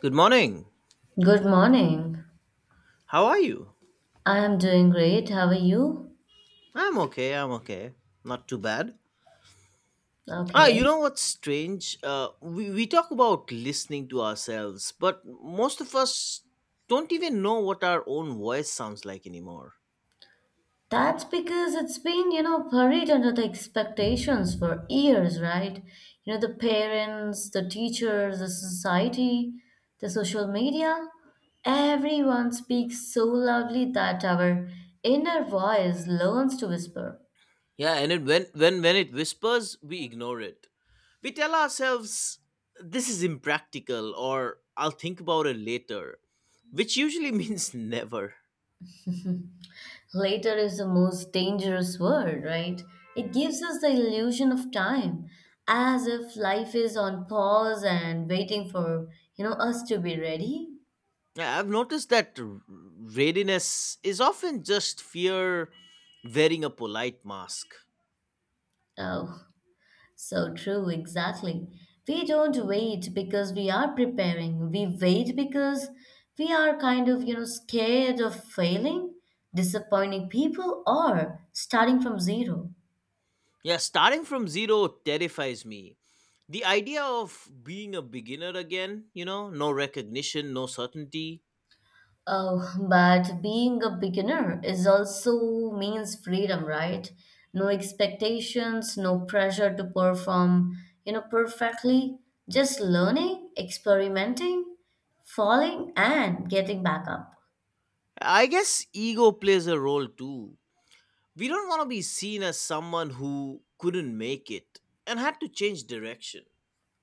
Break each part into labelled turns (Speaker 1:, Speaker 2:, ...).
Speaker 1: Good morning.
Speaker 2: Good morning.
Speaker 1: How are you?
Speaker 2: I am doing great. How are you?
Speaker 1: I'm okay. I'm okay. Not too bad. Ah, you
Speaker 2: Okay.
Speaker 1: know what's strange? We talk about listening to ourselves, but most of us don't even know what our own voice sounds like anymore.
Speaker 2: That's because it's been buried under the expectations for years, right? The parents, the teachers, the society, the social media, everyone speaks so loudly that our inner voice learns to whisper.
Speaker 1: Yeah, and when it whispers, we ignore it. We tell ourselves, this is impractical, or I'll think about it later, which usually means never.
Speaker 2: Later is the most dangerous word, right? It gives us the illusion of time, as if life is on pause and waiting for us to be ready.
Speaker 1: Yeah, I've noticed that readiness is often just fear wearing a polite mask.
Speaker 2: Oh, so true, exactly. We don't wait because we are preparing. We wait because we are kind of scared of failing, disappointing people, or starting from zero.
Speaker 1: Yeah, starting from zero terrifies me. The idea of being a beginner again, you know, no recognition, no certainty.
Speaker 2: Oh, but being a beginner is also means freedom, right? No expectations, no pressure to perform perfectly. Just learning, experimenting, falling, and getting back up.
Speaker 1: I guess ego plays a role too. We don't want to be seen as someone who couldn't make it and had to change direction.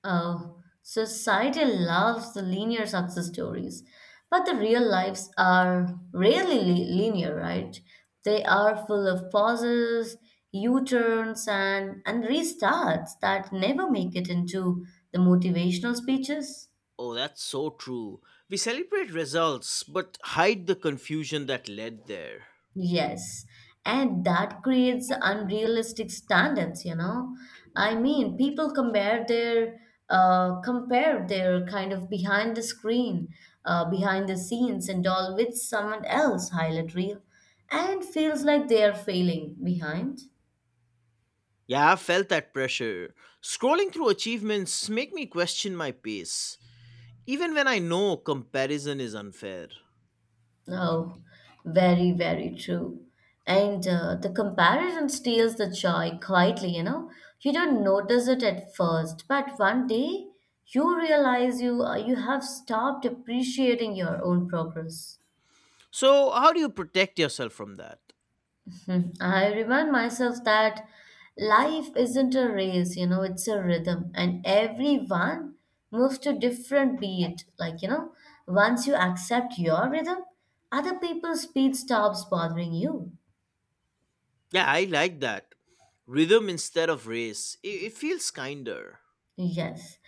Speaker 2: Oh, society loves the linear success stories, but the real lives are rarely linear, right? They are full of pauses, U-turns, and restarts that never make it into the motivational speeches.
Speaker 1: Oh, that's so true. We celebrate results, but hide the confusion that led there.
Speaker 2: Yes, and that creates unrealistic standards. I mean, people compare their kind of behind the screen, behind the scenes and all with someone else highlight reel, and feels like they are failing behind.
Speaker 1: Yeah, I've felt that pressure. Scrolling through achievements make me question my pace, even when I know comparison is unfair.
Speaker 2: Oh, very, very true. And the comparison steals the joy quietly, you know. You don't notice it at first, but one day you realize you have stopped appreciating your own progress.
Speaker 1: So, how do you protect yourself from that?
Speaker 2: Hmm. I remind myself that life isn't a race, it's a rhythm, and everyone moves to different beat. Like, once you accept your rhythm, other people's speed stops bothering you.
Speaker 1: Yeah, I like that. Rhythm instead of race. It feels kinder.
Speaker 2: Yes.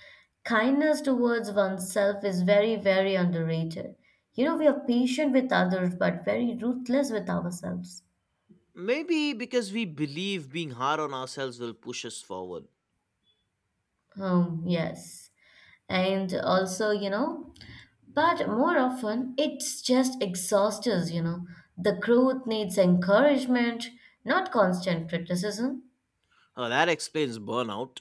Speaker 2: Kindness towards oneself is very, very underrated. We are patient with others, but very ruthless with ourselves.
Speaker 1: Maybe because we believe being hard on ourselves will push us forward.
Speaker 2: Yes. And also, but more often it's just exhausts us. The growth needs encouragement, not constant criticism.
Speaker 1: Oh, that explains burnout.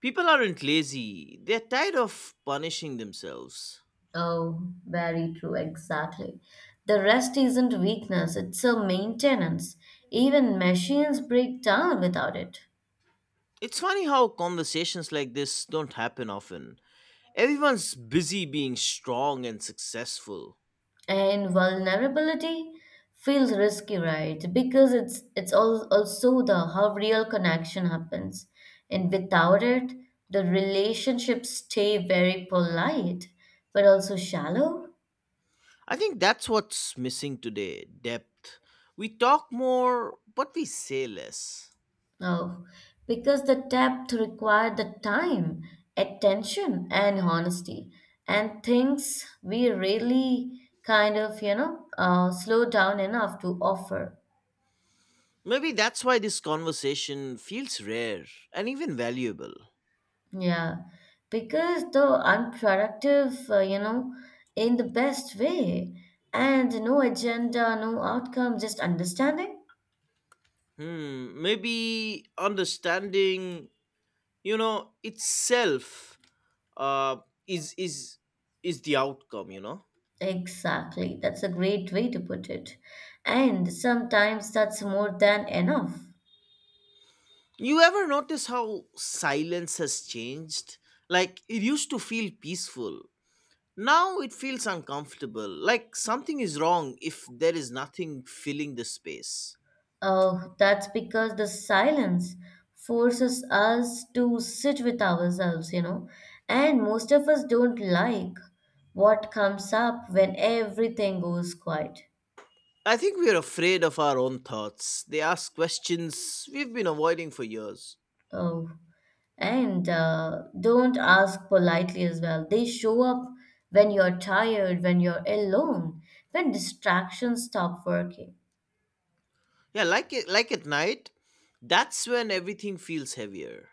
Speaker 1: People aren't lazy, they're tired of punishing themselves.
Speaker 2: Oh, very true, exactly. The rest isn't weakness, it's a maintenance. Even machines break down without it.
Speaker 1: It's funny how conversations like this don't happen often. Everyone's busy being strong and successful.
Speaker 2: And vulnerability feels risky, right? Because it's all, also the how real connection happens, and without it the relationships stay very polite but also shallow.
Speaker 1: I think that's what's missing today, depth. We talk more, but we say less.
Speaker 2: Oh, because the depth required the time, attention, and honesty. And things we really kind of slow down enough to offer.
Speaker 1: Maybe that's why this conversation feels rare and even valuable.
Speaker 2: Yeah, because the unproductive, in the best way, and no agenda, no outcome, just understanding.
Speaker 1: Hmm, maybe understanding, you know, itself uh, is is is the outcome, you know.
Speaker 2: Exactly, that's a great way to put it. And sometimes that's more than enough.
Speaker 1: You ever notice how silence has changed? Like it used to feel peaceful. Now it feels uncomfortable, like something is wrong if there is nothing filling the space.
Speaker 2: Oh, that's because the silence forces us to sit with ourselves, and most of us don't like what comes up when everything goes quiet.
Speaker 1: I think we are afraid of our own thoughts. They ask questions we've been avoiding for years.
Speaker 2: Oh. And don't ask politely as well. They show up when you're tired, when you're alone, when distractions stop working.
Speaker 1: Yeah, like it, like at night, that's when everything feels heavier.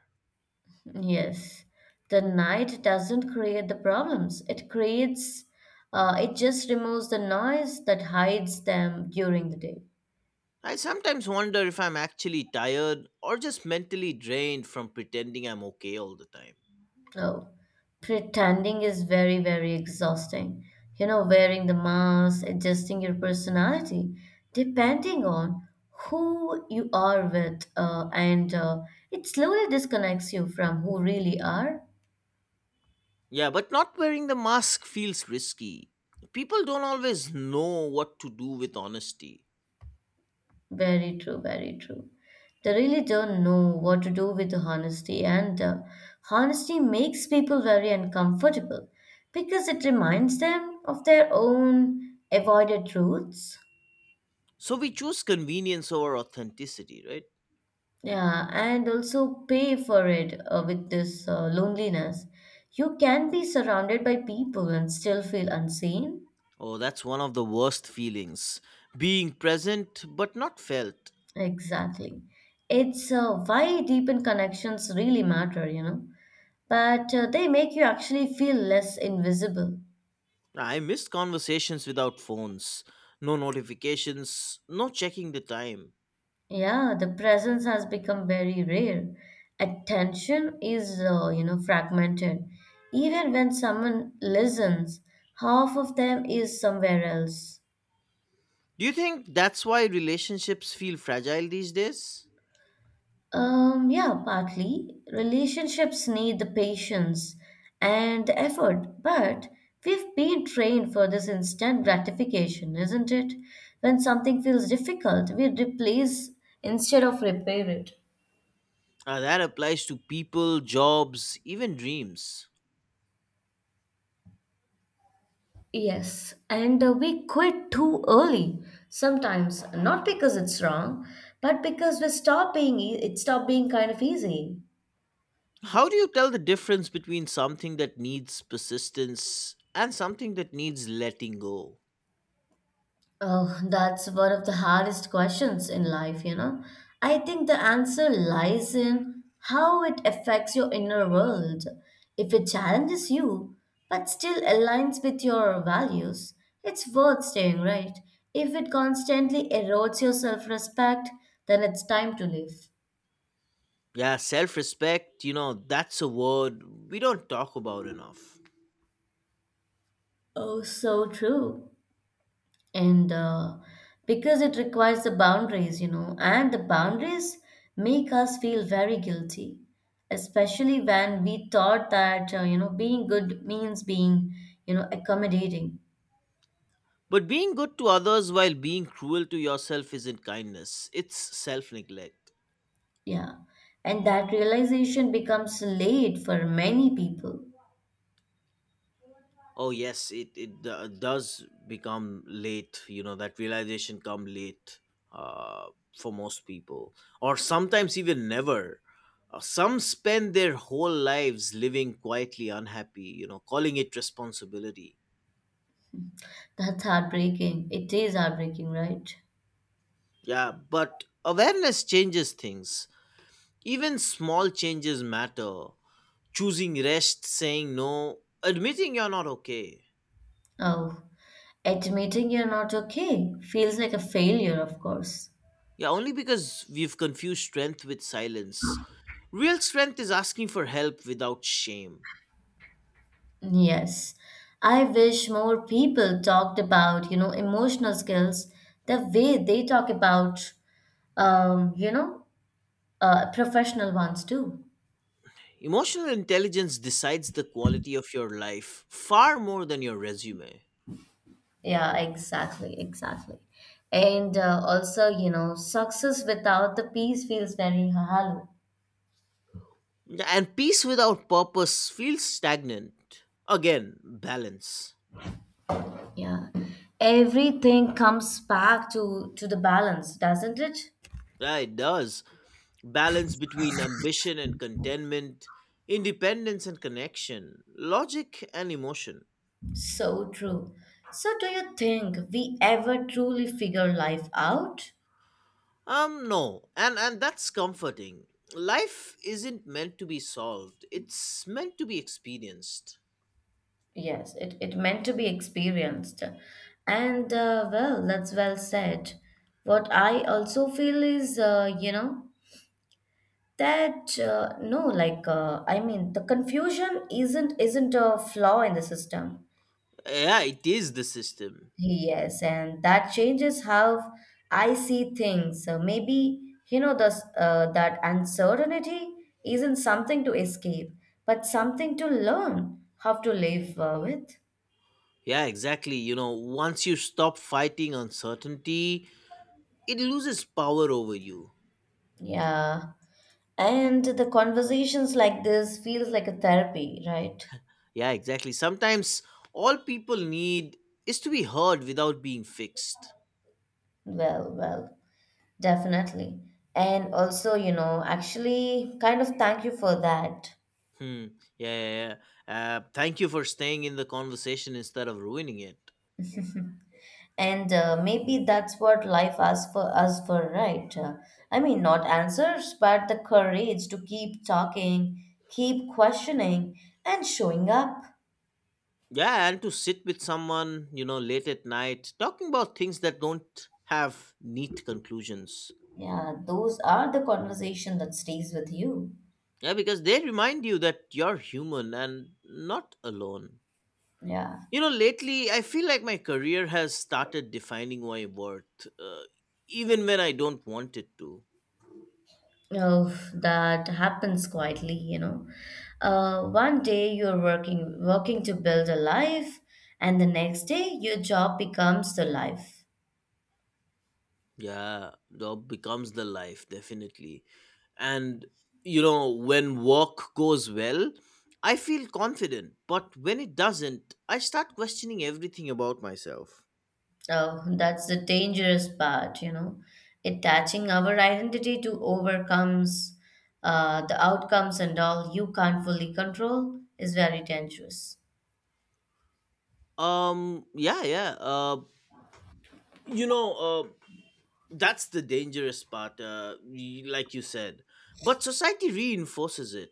Speaker 2: Yes, the night doesn't create the problems. It just removes the noise that hides them during the day.
Speaker 1: I sometimes wonder if I'm actually tired or just mentally drained from pretending I'm okay all the time.
Speaker 2: Oh, pretending is very, very exhausting. Wearing the mask, adjusting your personality, depending on who you are with, and it slowly disconnects you from who really are.
Speaker 1: Yeah, but not wearing the mask feels risky. People don't always know what to do with honesty.
Speaker 2: Very true, very true. They really don't know what to do with the honesty, and honesty makes people very uncomfortable because it reminds them of their own avoided truths.
Speaker 1: So we choose convenience over authenticity, right?
Speaker 2: Yeah, and also pay for it with this loneliness. You can be surrounded by people and still feel unseen.
Speaker 1: Oh, that's one of the worst feelings. Being present but not felt.
Speaker 2: Exactly. It's why deepened connections really matter. But they make you actually feel less invisible.
Speaker 1: I missed conversations without phones, no notifications, no checking the time.
Speaker 2: Yeah, the presence has become very rare. Attention is fragmented. Even when someone listens, half of them is somewhere else.
Speaker 1: Do you think that's why relationships feel fragile these days?
Speaker 2: Yeah, partly. Relationships need the patience and the effort, but we've been trained for this instant gratification, isn't it? When something feels difficult, we replace instead of repair it.
Speaker 1: That applies to people, jobs, even dreams.
Speaker 2: Yes, and we quit too early sometimes, not because it's wrong, but because we stop being e- it stop being kind of easy.
Speaker 1: How do you tell the difference between something that needs persistence and something that needs letting go?
Speaker 2: Oh, that's one of the hardest questions in life. I think the answer lies in how it affects your inner world. If it challenges you, but still aligns with your values, it's worth staying, right? If it constantly erodes your self respect, then it's time to leave.
Speaker 1: Yeah, self respect, you know, that's a word we don't talk about enough.
Speaker 2: Oh, so true. And because it requires the boundaries and the boundaries make us feel very guilty, especially when we thought that being good means being accommodating.
Speaker 1: But being good to others while being cruel to yourself isn't kindness, it's self neglect.
Speaker 2: Yeah, and that realization becomes late for many people.
Speaker 1: Oh yes, it does become late. You know that realization come late uh, for most people, or sometimes even never. Some spend their whole lives living quietly unhappy. You know, calling it responsibility.
Speaker 2: That's heartbreaking. It is heartbreaking, right?
Speaker 1: Yeah, but awareness changes things. Even small changes matter. Choosing rest, saying no, admitting you're not okay.
Speaker 2: Oh, admitting you're not okay feels like a failure, of course.
Speaker 1: Yeah, only because we've confused strength with silence. Real strength is asking for help without shame.
Speaker 2: Yes. I wish more people talked about emotional skills the way they talk about, um, you know, uh, professional ones too.
Speaker 1: Emotional intelligence decides the quality of your life far more than your resume.
Speaker 2: Yeah, exactly, exactly. And also, success without the peace feels very hollow.
Speaker 1: And peace without purpose feels stagnant. Again, balance.
Speaker 2: Yeah. Everything comes back to the balance, doesn't it?
Speaker 1: Yeah, it does. Balance between ambition and contentment, independence and connection, logic and emotion.
Speaker 2: So true. So do you think we ever truly figure life out?
Speaker 1: No, and that's comforting. Life isn't meant to be solved; it's meant to be experienced.
Speaker 2: Yes, it meant to be experienced. And well, that's well said. What I also feel is that, no, like, I mean, the confusion isn't a flaw in the system.
Speaker 1: Yeah, it is the system.
Speaker 2: Yes, and that changes how I see things. So maybe, that uncertainty isn't something to escape, but something to learn how to live with.
Speaker 1: Yeah, exactly. You know, once you stop fighting uncertainty, it loses power over you.
Speaker 2: Yeah. And the conversations like this feels like a therapy, right?
Speaker 1: Yeah, exactly. Sometimes all people need is to be heard without being fixed.
Speaker 2: Well, definitely. And also, actually kind of thank you for that.
Speaker 1: Hmm. Yeah, yeah, yeah. Thank you for staying in the conversation instead of ruining it.
Speaker 2: And maybe that's what life asks for us for, right? I mean, not answers, but the courage to keep talking, keep questioning, and showing up.
Speaker 1: Yeah, and to sit with someone, you know, late at night, talking about things that don't have neat conclusions.
Speaker 2: Yeah, those are the conversation that stays with you.
Speaker 1: Yeah, because they remind you that you're human and not alone.
Speaker 2: Yeah.
Speaker 1: You know, lately, I feel like my career has started defining my worth, even when I don't want it to.
Speaker 2: Oh, that happens quietly. One day you're working to build a life, and the next day your job becomes the life.
Speaker 1: Yeah, job becomes the life, definitely. And, you know, when work goes well, I feel confident. But when it doesn't, I start questioning everything about myself.
Speaker 2: Oh, that's the dangerous part. Attaching our identity to overcomes the outcomes and all you can't fully control is very dangerous.
Speaker 1: Yeah, yeah. You know, uh, that's the dangerous part, like you said. But society reinforces it.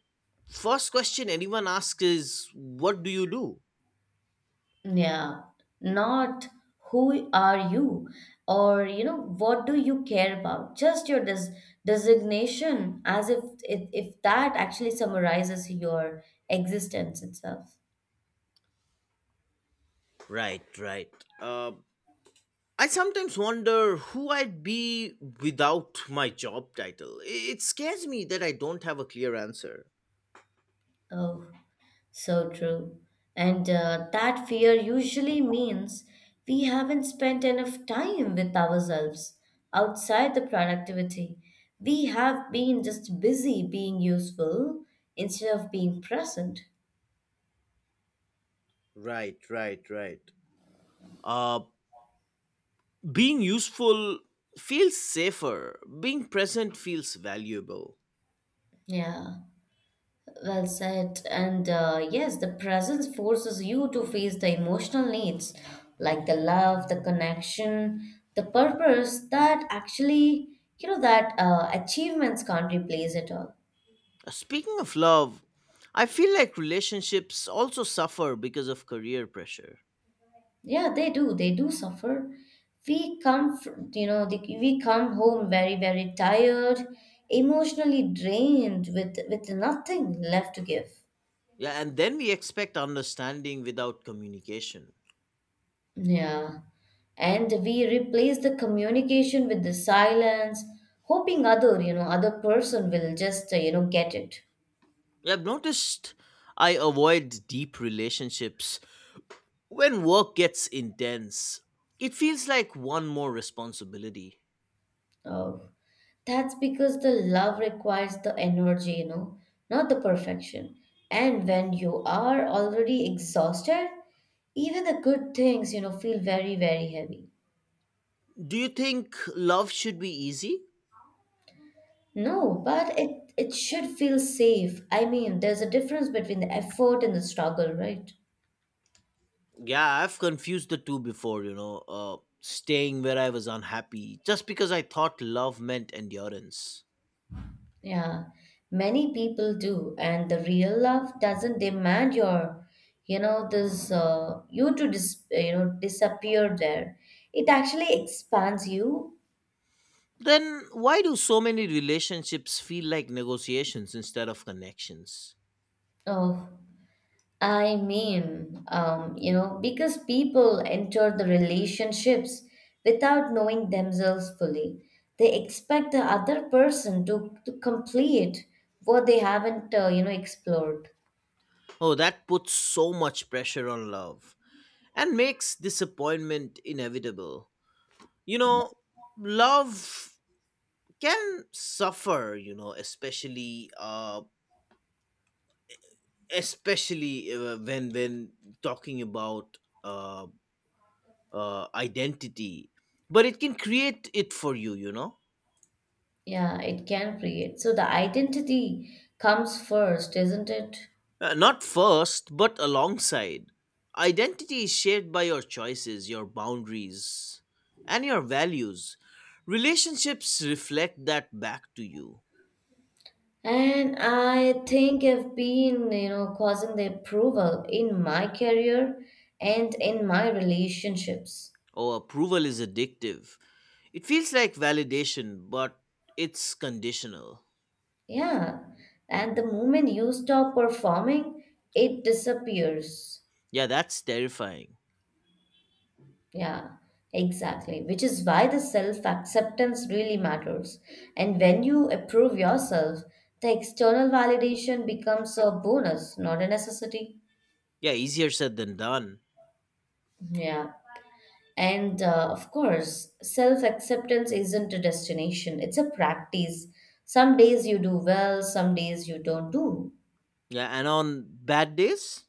Speaker 1: First question anyone asks is, what do you do?
Speaker 2: Yeah, not who are you or what do you care about? Just your designation as if that actually summarizes your existence itself.
Speaker 1: Right, right. Uh, I sometimes wonder who I'd be without my job title. It scares me that I don't have a clear answer.
Speaker 2: Oh, so true. And that fear usually means we haven't spent enough time with ourselves outside the productivity. We have been just busy being useful instead of being present.
Speaker 1: Right, right, right. Uh, Being useful feels safer, being present feels valuable.
Speaker 2: Yeah. Well said. And yes, the presence forces you to face the emotional needs like the love, the connection, the purpose that actually, you know, that achievements can't replace at all.
Speaker 1: Speaking of love, I feel like relationships also suffer because of career pressure.
Speaker 2: Yeah, they do. They do suffer. We come, fr- you know, the, we come home very, very tired, emotionally drained with nothing left to give.
Speaker 1: Yeah, and then we expect understanding without communication.
Speaker 2: Yeah. And we replace the communication with the silence, hoping other person will just get it.
Speaker 1: Yeah, I've noticed I avoid deep relationships when work gets intense, it feels like one more responsibility.
Speaker 2: Oh, that's because the love requires the energy, not the perfection. And when you are already exhausted, even the good things, feel very, very heavy.
Speaker 1: Do you think love should be easy?
Speaker 2: No, but it should feel safe. I mean, there's a difference between the effort and the struggle, right?
Speaker 1: Yeah, I've confused the two before, you know, staying where I was unhappy just because I thought love meant endurance.
Speaker 2: Yeah, many people do, and the real love doesn't demand your, you to disappear there. It actually expands you.
Speaker 1: Then why do so many relationships feel like negotiations instead of connections?
Speaker 2: Oh, I mean, because people enter the relationships without knowing themselves fully. They expect the other person to complete what they haven't explored.
Speaker 1: Oh, that puts so much pressure on love and makes disappointment inevitable. You know, love can suffer, you know, especially when talking about uh, identity, but it can create it for you, you know.
Speaker 2: Yeah, it can create. So the identity comes first, isn't it?
Speaker 1: Not first, but alongside. Identity is shaped by your choices, your boundaries, and your values. Relationships reflect that back to you.
Speaker 2: And I think I've been causing the approval in my career and in my relationships.
Speaker 1: Oh, approval is addictive. It feels like validation, but it's conditional.
Speaker 2: Yeah. And the moment you stop performing, it disappears.
Speaker 1: Yeah, that's terrifying.
Speaker 2: Yeah, exactly. Which is why the self acceptance really matters. And when you approve yourself, the external validation becomes a bonus, not a necessity.
Speaker 1: Yeah, easier said than done.
Speaker 2: Yeah. And of course, self acceptance isn't a destination, it's a practice. Some days you do well, some days you don't do.
Speaker 1: Yeah, and on bad days,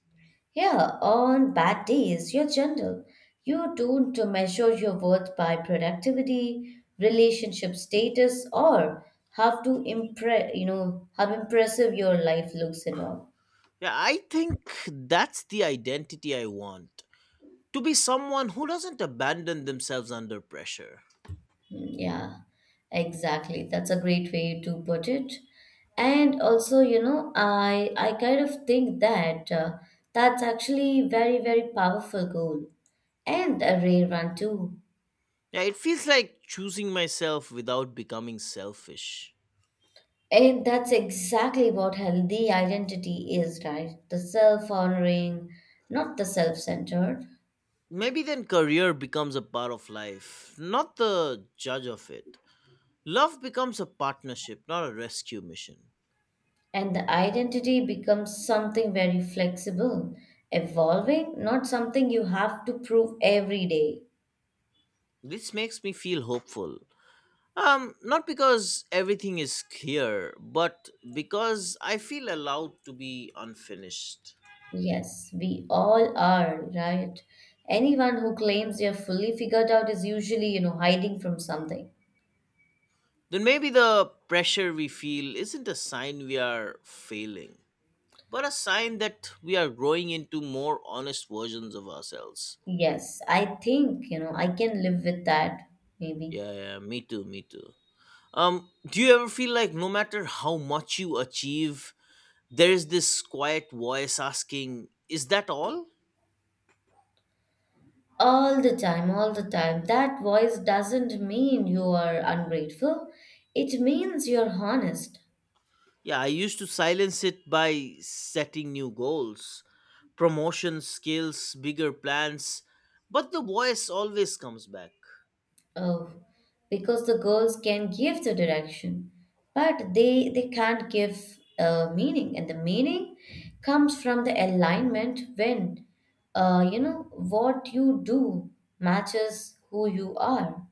Speaker 2: Yeah, on bad days, you're gentle. You don't measure your worth by productivity, relationship status, or how impressive your life looks and all.
Speaker 1: yeah, I think that's the identity I want. To be someone who doesn't abandon themselves under pressure.
Speaker 2: Mm, yeah, exactly. That's a great way to put it. And also, I kind of think that's actually very, very powerful goal and a rare one too.
Speaker 1: Yeah, it feels like choosing myself without becoming selfish.
Speaker 2: And that's exactly what healthy identity is, right? The self-honoring, not the self-centered.
Speaker 1: Maybe then career becomes a part of life, not the judge of it. Love becomes a partnership, not a rescue mission.
Speaker 2: And the identity becomes something very flexible, evolving, not something you have to prove every day.
Speaker 1: This makes me feel hopeful. Not because everything is clear, but because I feel allowed to be unfinished.
Speaker 2: Yes, we all are, right? Anyone who claims they're fully figured out is usually hiding from something.
Speaker 1: Then maybe the pressure we feel isn't a sign we are failing, but a sign that we are growing into more honest versions of ourselves.
Speaker 2: Yes, I think I can live with that, maybe.
Speaker 1: Yeah, yeah, yeah, me too, me too. Do you ever feel like no matter how much you achieve, there is this quiet voice asking, is that all?
Speaker 2: All the time, all the time. That voice doesn't mean you are ungrateful. It means you're honest.
Speaker 1: Yeah, I used to silence it by setting new goals, promotion skills, bigger plans, but the voice always comes back.
Speaker 2: Oh, because the girls can give the direction, but they can't give meaning, and the meaning comes from the alignment when what you do matches who you are.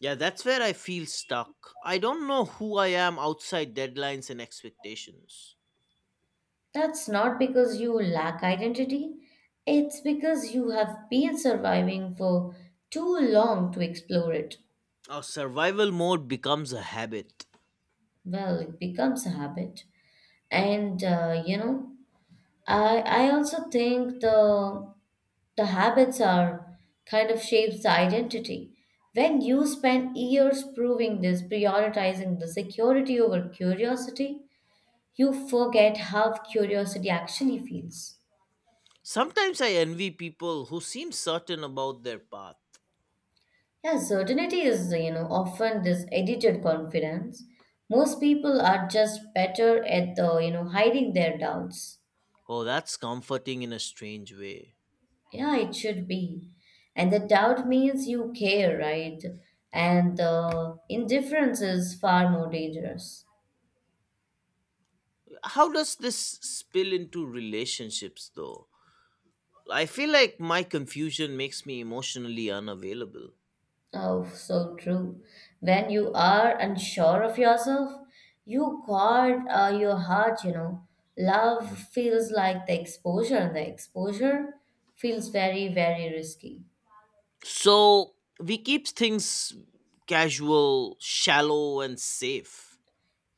Speaker 1: Yeah, that's where I feel stuck. I don't know who I am outside deadlines and expectations.
Speaker 2: That's not because you lack identity. It's because you have been surviving for too long to explore it.
Speaker 1: Our survival mode becomes a habit.
Speaker 2: Well, it becomes a habit. And I also think the habits are kind of shapes the identity when you spend years proving this prioritizing the security over curiosity, you forget how curiosity actually feels.
Speaker 1: Sometimes I envy people who seem certain about their path.
Speaker 2: Yeah, certainty is, often this edited confidence. Most people are just better at the, hiding their doubts.
Speaker 1: Oh, that's comforting in a strange way.
Speaker 2: Yeah, it should be, and the doubt means you care, right? And the indifference is far more dangerous.
Speaker 1: How does this spill into relationships though? I feel like my confusion makes me emotionally unavailable.
Speaker 2: Oh, so true. When you are unsure of yourself, you guard your heart, you know. Love feels like the exposure, and the exposure feels very, very risky.
Speaker 1: So we keep things casual, shallow, and safe.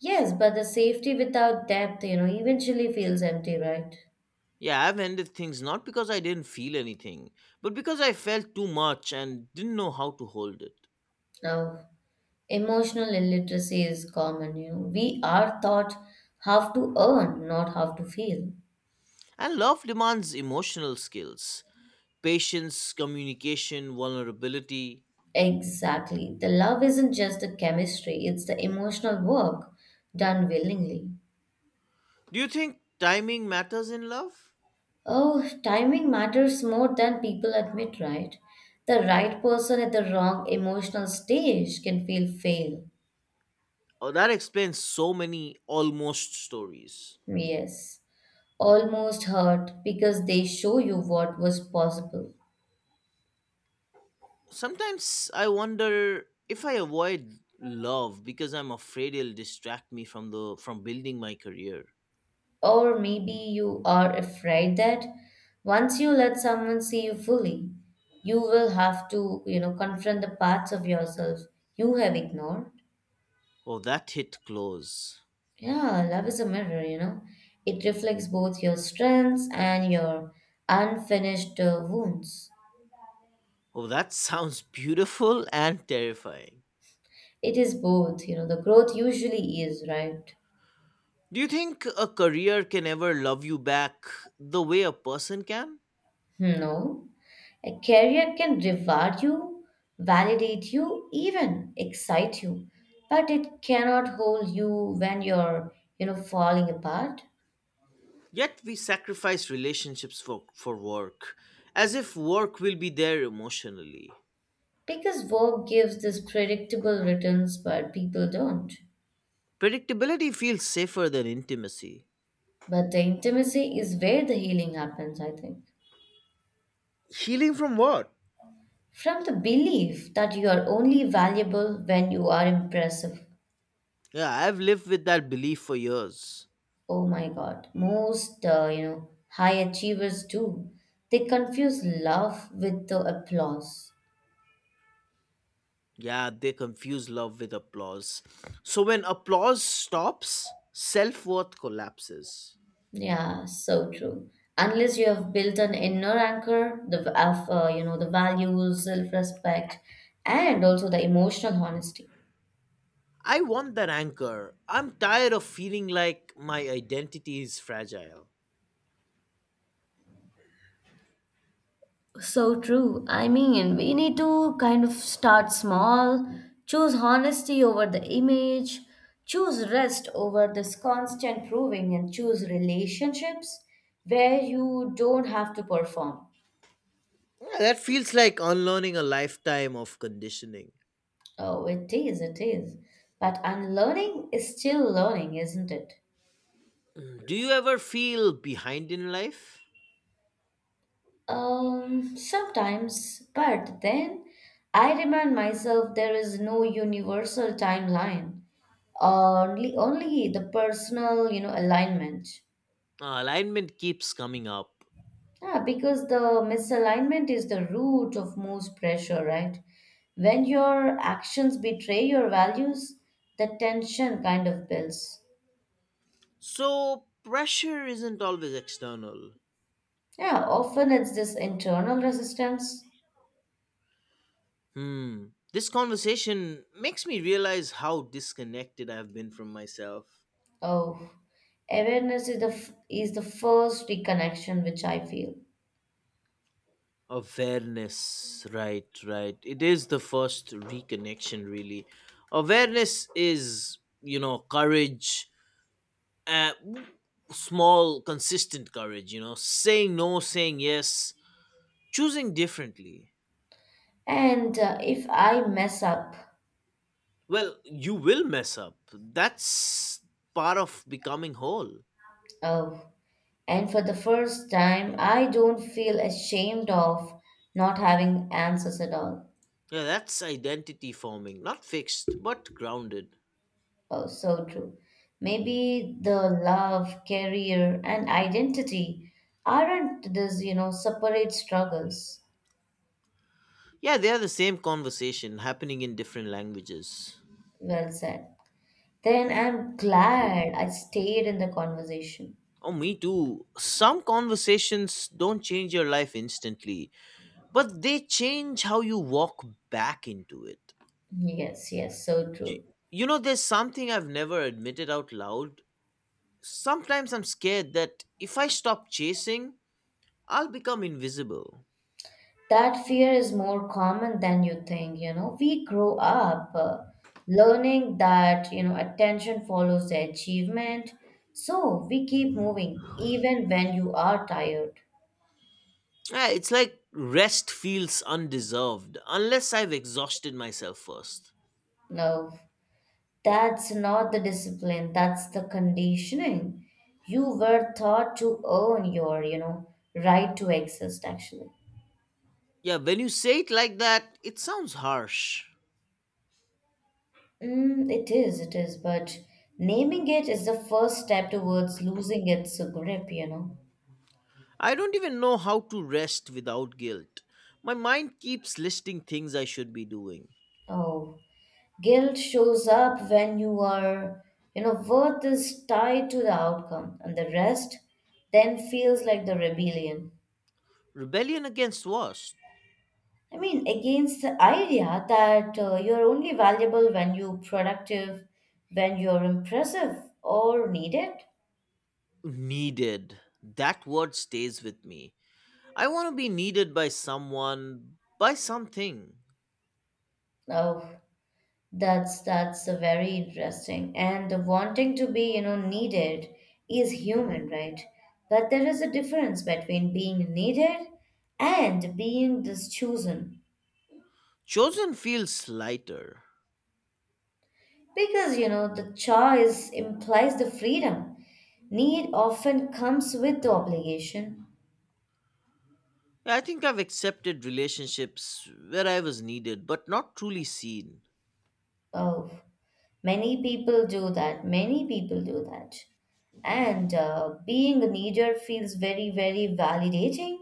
Speaker 2: Yes, but the safety without depth, you know, eventually feels empty, right?
Speaker 1: Yeah, I've ended things not because I didn't feel anything, but because I felt too much and didn't know how to hold it.
Speaker 2: Now, emotional illiteracy is common, you know. We are taught how to earn, not how to feel.
Speaker 1: And love demands emotional skills, patience, communication, vulnerability.
Speaker 2: Exactly. The love isn't just the chemistry, it's the emotional work done willingly.
Speaker 1: Do you think timing matters in love?
Speaker 2: Oh, timing matters more than people admit, right? The right person at the wrong emotional stage can feel fail.
Speaker 1: Oh, that explains so many almost stories.
Speaker 2: Yes. Almost hurt because they show you what was possible.
Speaker 1: Sometimes I wonder if I avoid love because I'm afraid it'll distract me from the from building my career.
Speaker 2: Or maybe you are afraid that once you let someone see you fully, you will have to, you know, confront the parts of yourself you have ignored.
Speaker 1: Oh, that hit close.
Speaker 2: Yeah, love is a mirror, you know. It reflects both your strengths and your unfinished wounds.
Speaker 1: Oh, that sounds beautiful and terrifying.
Speaker 2: It is both, you know, the growth usually is, right?
Speaker 1: Do you think a career can ever love you back the way a person can?
Speaker 2: No. A career can reward you, validate you, even excite you, but it cannot hold you when you're, you know, falling apart.
Speaker 1: Yet we sacrifice relationships for work, as if work will be there emotionally.
Speaker 2: Because work gives this predictable returns, but people don't.
Speaker 1: Predictability feels safer than intimacy.
Speaker 2: But the intimacy is where the healing happens, I think.
Speaker 1: Healing from what?
Speaker 2: From the belief that you are only valuable when you are impressive.
Speaker 1: Yeah, I've lived with that belief for years.
Speaker 2: Oh my God. Most, you know, high achievers do. They confuse love with the applause.
Speaker 1: Yeah, they confuse love with applause. So when applause stops, self worth collapses.
Speaker 2: Yeah, so true. Unless you have built an inner anchor, the you know, the values, self-respect, and also the emotional honesty.
Speaker 1: I want that anchor. I'm tired of feeling like my identity is fragile.
Speaker 2: So true. I mean, we need to kind of start small, choose honesty over the image, choose rest over this constant proving, and choose relationships where you don't have to perform.
Speaker 1: Yeah, that feels like unlearning a lifetime of conditioning.
Speaker 2: Oh, it is, it is. But unlearning is still learning, isn't it?
Speaker 1: Do you ever feel behind in life?
Speaker 2: Sometimes, but then I remind myself there is no universal timeline, only the personal, you know, alignment.
Speaker 1: Alignment keeps coming up.
Speaker 2: Yeah, because the misalignment is the root of most pressure, right? When your actions betray your values, the tension kind of builds.
Speaker 1: So pressure isn't always external.
Speaker 2: Yeah, often it's this internal resistance.
Speaker 1: Hmm. This conversation makes me realize how disconnected I've been from myself.
Speaker 2: Oh, awareness is the is the first reconnection, which I feel.
Speaker 1: Awareness. Right, right. It is the first reconnection, really. Awareness is, you know, courage, uh, small, consistent courage, you know, saying no, saying yes, choosing differently.
Speaker 2: And if I mess up,
Speaker 1: Well, you will mess up. That's part of becoming whole.
Speaker 2: oh, and for the first time, I don't feel ashamed of not having answers at all.
Speaker 1: Yeah, that's identity forming. Not fixed, but grounded.
Speaker 2: Oh, so true. Maybe the love, career, and identity aren't these, you know, separate struggles.
Speaker 1: Yeah, they are the same conversation happening in different languages.
Speaker 2: Well said. Then I'm glad I stayed in the conversation.
Speaker 1: Oh, me too. Some conversations don't change your life instantly, but they change how you walk back into it.
Speaker 2: Yes, yes, so
Speaker 1: You,
Speaker 2: true.
Speaker 1: you know, there's something I've never admitted out loud. Sometimes I'm scared that if I stop chasing, I'll become invisible.
Speaker 2: That fear is more common than you think, you know. We grow up learning that, you know, attention follows the achievement. So we keep moving even when you are tired.
Speaker 1: Yeah, it's like rest feels undeserved unless I've exhausted myself first.
Speaker 2: No, that's not the discipline, that's the conditioning. You were taught to earn your, you know, right to exist actually.
Speaker 1: Yeah, when you say it like that, it sounds harsh.
Speaker 2: Mm, it is, but naming it is the first step towards losing its grip, you know.
Speaker 1: I don't even know how to rest without guilt. My mind keeps listing things I should be doing.
Speaker 2: Oh, guilt shows up when you are, you know, worth is tied to the outcome, and the rest then feels like the rebellion.
Speaker 1: Rebellion against was
Speaker 2: I mean, against the idea that you're only valuable when you're productive, when you're impressive or needed.
Speaker 1: needed. That word stays with me. I want to be needed by someone, by something.
Speaker 2: Oh, that's a very interesting, and the wanting to be, you know, needed is human, right? But there is a difference between being needed and being this chosen.
Speaker 1: Chosen feels lighter.
Speaker 2: Because you know, the choice implies the freedom. Need often comes with the obligation.
Speaker 1: Yeah, I think I've accepted relationships where I was needed but not truly seen.
Speaker 2: Oh, many people do that. Many people do that. And being a leader feels very, very validating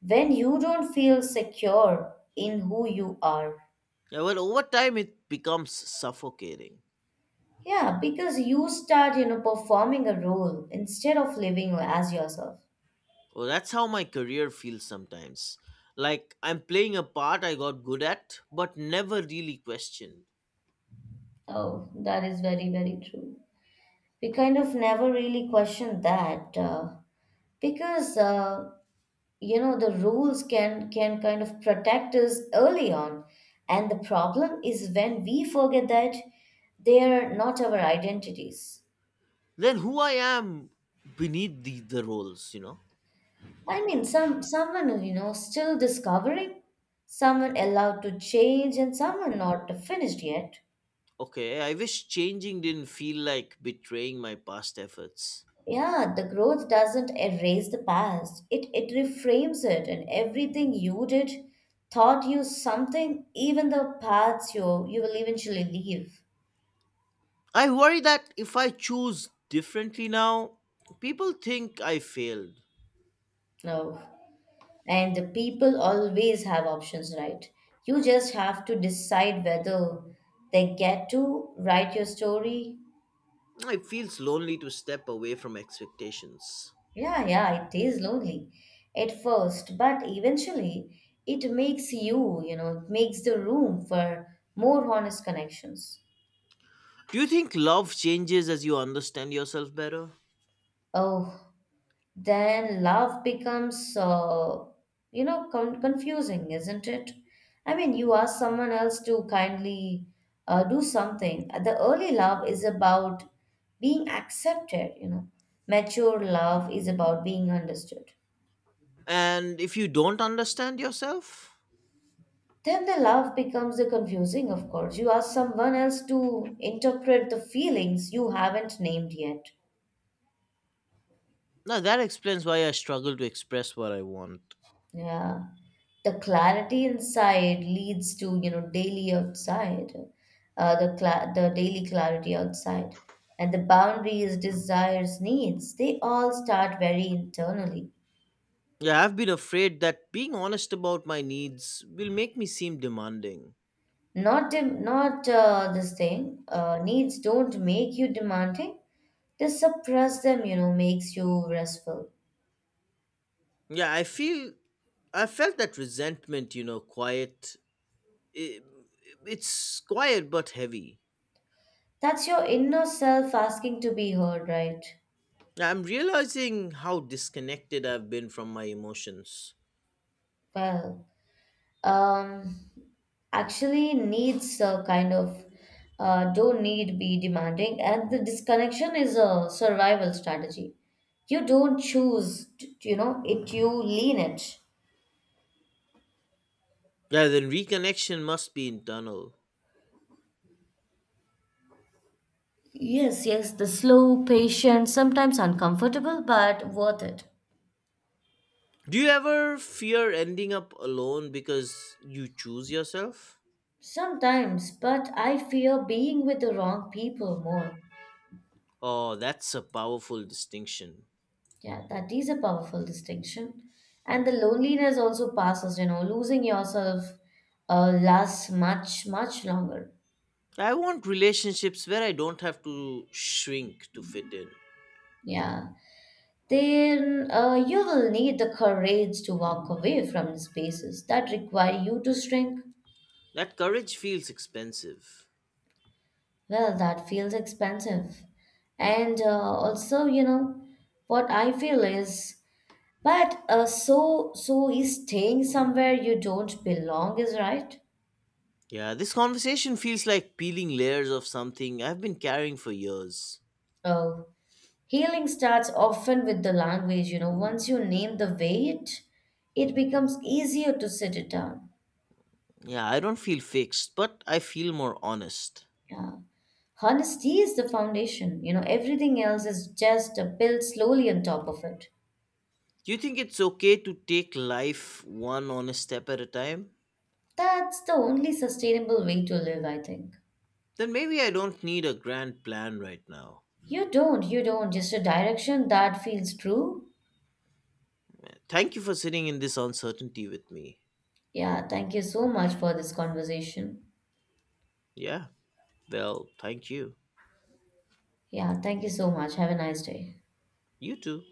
Speaker 2: when you don't feel secure in who you are.
Speaker 1: Yeah, well, over time, it becomes suffocating.
Speaker 2: Yeah, because you start, you know, performing a role instead of living as yourself.
Speaker 1: Oh, that's how my career feels sometimes. Like I'm playing a part I got good at, but never really questioned.
Speaker 2: Oh, that is very, very true. We kind of never really questioned that. Because You know, the rules can kind of protect us early on, and the problem is when we forget that they are not our identities.
Speaker 1: Then who I am beneath the roles, you know?
Speaker 2: I mean, someone, you know, still discovering, someone allowed to change, and someone not finished yet.
Speaker 1: Okay, I wish changing didn't feel like betraying my past efforts.
Speaker 2: Yeah, the growth doesn't erase the past, it reframes it, and everything you did taught you something, even the paths you will eventually leave.
Speaker 1: I worry that if I choose differently now, people think I failed.
Speaker 2: No. And the people always have options, right? You just have to decide whether they get to write your story.
Speaker 1: It feels lonely to step away from expectations.
Speaker 2: Yeah, yeah, it is lonely at first, but eventually it makes you, you know, it makes the room for more honest connections.
Speaker 1: Do you think love changes as you understand yourself better?
Speaker 2: Oh, then love becomes you know, confusing, isn't it? I mean, you ask someone else to kindly do something. The early love is about being accepted, you know. Mature love is about being understood.
Speaker 1: And if you don't understand yourself,
Speaker 2: Then the love becomes the confusing, of course, you ask someone else to interpret the feelings you haven't named yet.
Speaker 1: now that explains why I struggle to express what I want.
Speaker 2: Yeah. The clarity inside leads to, you know, daily outside, the daily clarity outside. And the boundaries, desires, needs, they all start very internally.
Speaker 1: Yeah, I've been afraid that being honest about my needs will make me seem demanding.
Speaker 2: Not dem not this thing. Needs don't make you demanding. To suppress them, you know, makes you restful.
Speaker 1: Yeah, I feel I felt that resentment, you know, quiet. i- It's quiet but heavy.
Speaker 2: That's your inner self asking to be heard, right?
Speaker 1: Yeah, I'm realizing how disconnected I've been from my emotions.
Speaker 2: Well. um Actually, needs a kind of don't need be demanding, and the disconnection is a survival strategy, you don't choose you know it, you lean it.
Speaker 1: Yeah, then reconnection must be internal.
Speaker 2: Yes, yes, the slow, patient, sometimes uncomfortable, but worth it.
Speaker 1: Do you ever fear ending up alone because you choose yourself?
Speaker 2: Sometimes, but I fear being with the wrong people more.
Speaker 1: Oh, that's a powerful distinction.
Speaker 2: Yeah, that is a powerful distinction. And the loneliness also passes, you know, losing yourself lasts much, much longer.
Speaker 1: I want relationships where I don't have to shrink to fit in.
Speaker 2: Yeah. Then you will need the courage to walk away from spaces that require you to shrink.
Speaker 1: That courage feels expensive.
Speaker 2: Well, that feels expensive. And also, you know, what I feel is, but so so is staying somewhere you don't belong is right.
Speaker 1: Yeah, this conversation feels like peeling layers of something I've been carrying for years.
Speaker 2: Oh. Healing starts often with the language, you know. Once you name the weight, it becomes easier to sit it down.
Speaker 1: Yeah, I don't feel fixed, but I feel more honest.
Speaker 2: Yeah. Honesty is the foundation, you know. Everything else is just a built slowly on top of it.
Speaker 1: Do you think it's okay to take life one honest step at a time?
Speaker 2: That's the only sustainable way to live, I think.
Speaker 1: Then maybe I don't need a grand plan right now.
Speaker 2: You don't, you don't. Just a direction that feels true.
Speaker 1: Thank you for sitting in this uncertainty with me.
Speaker 2: Yeah, thank you so much for this conversation.
Speaker 1: Yeah, well, thank you.
Speaker 2: Yeah, thank you so much. Have a nice day.
Speaker 1: You too.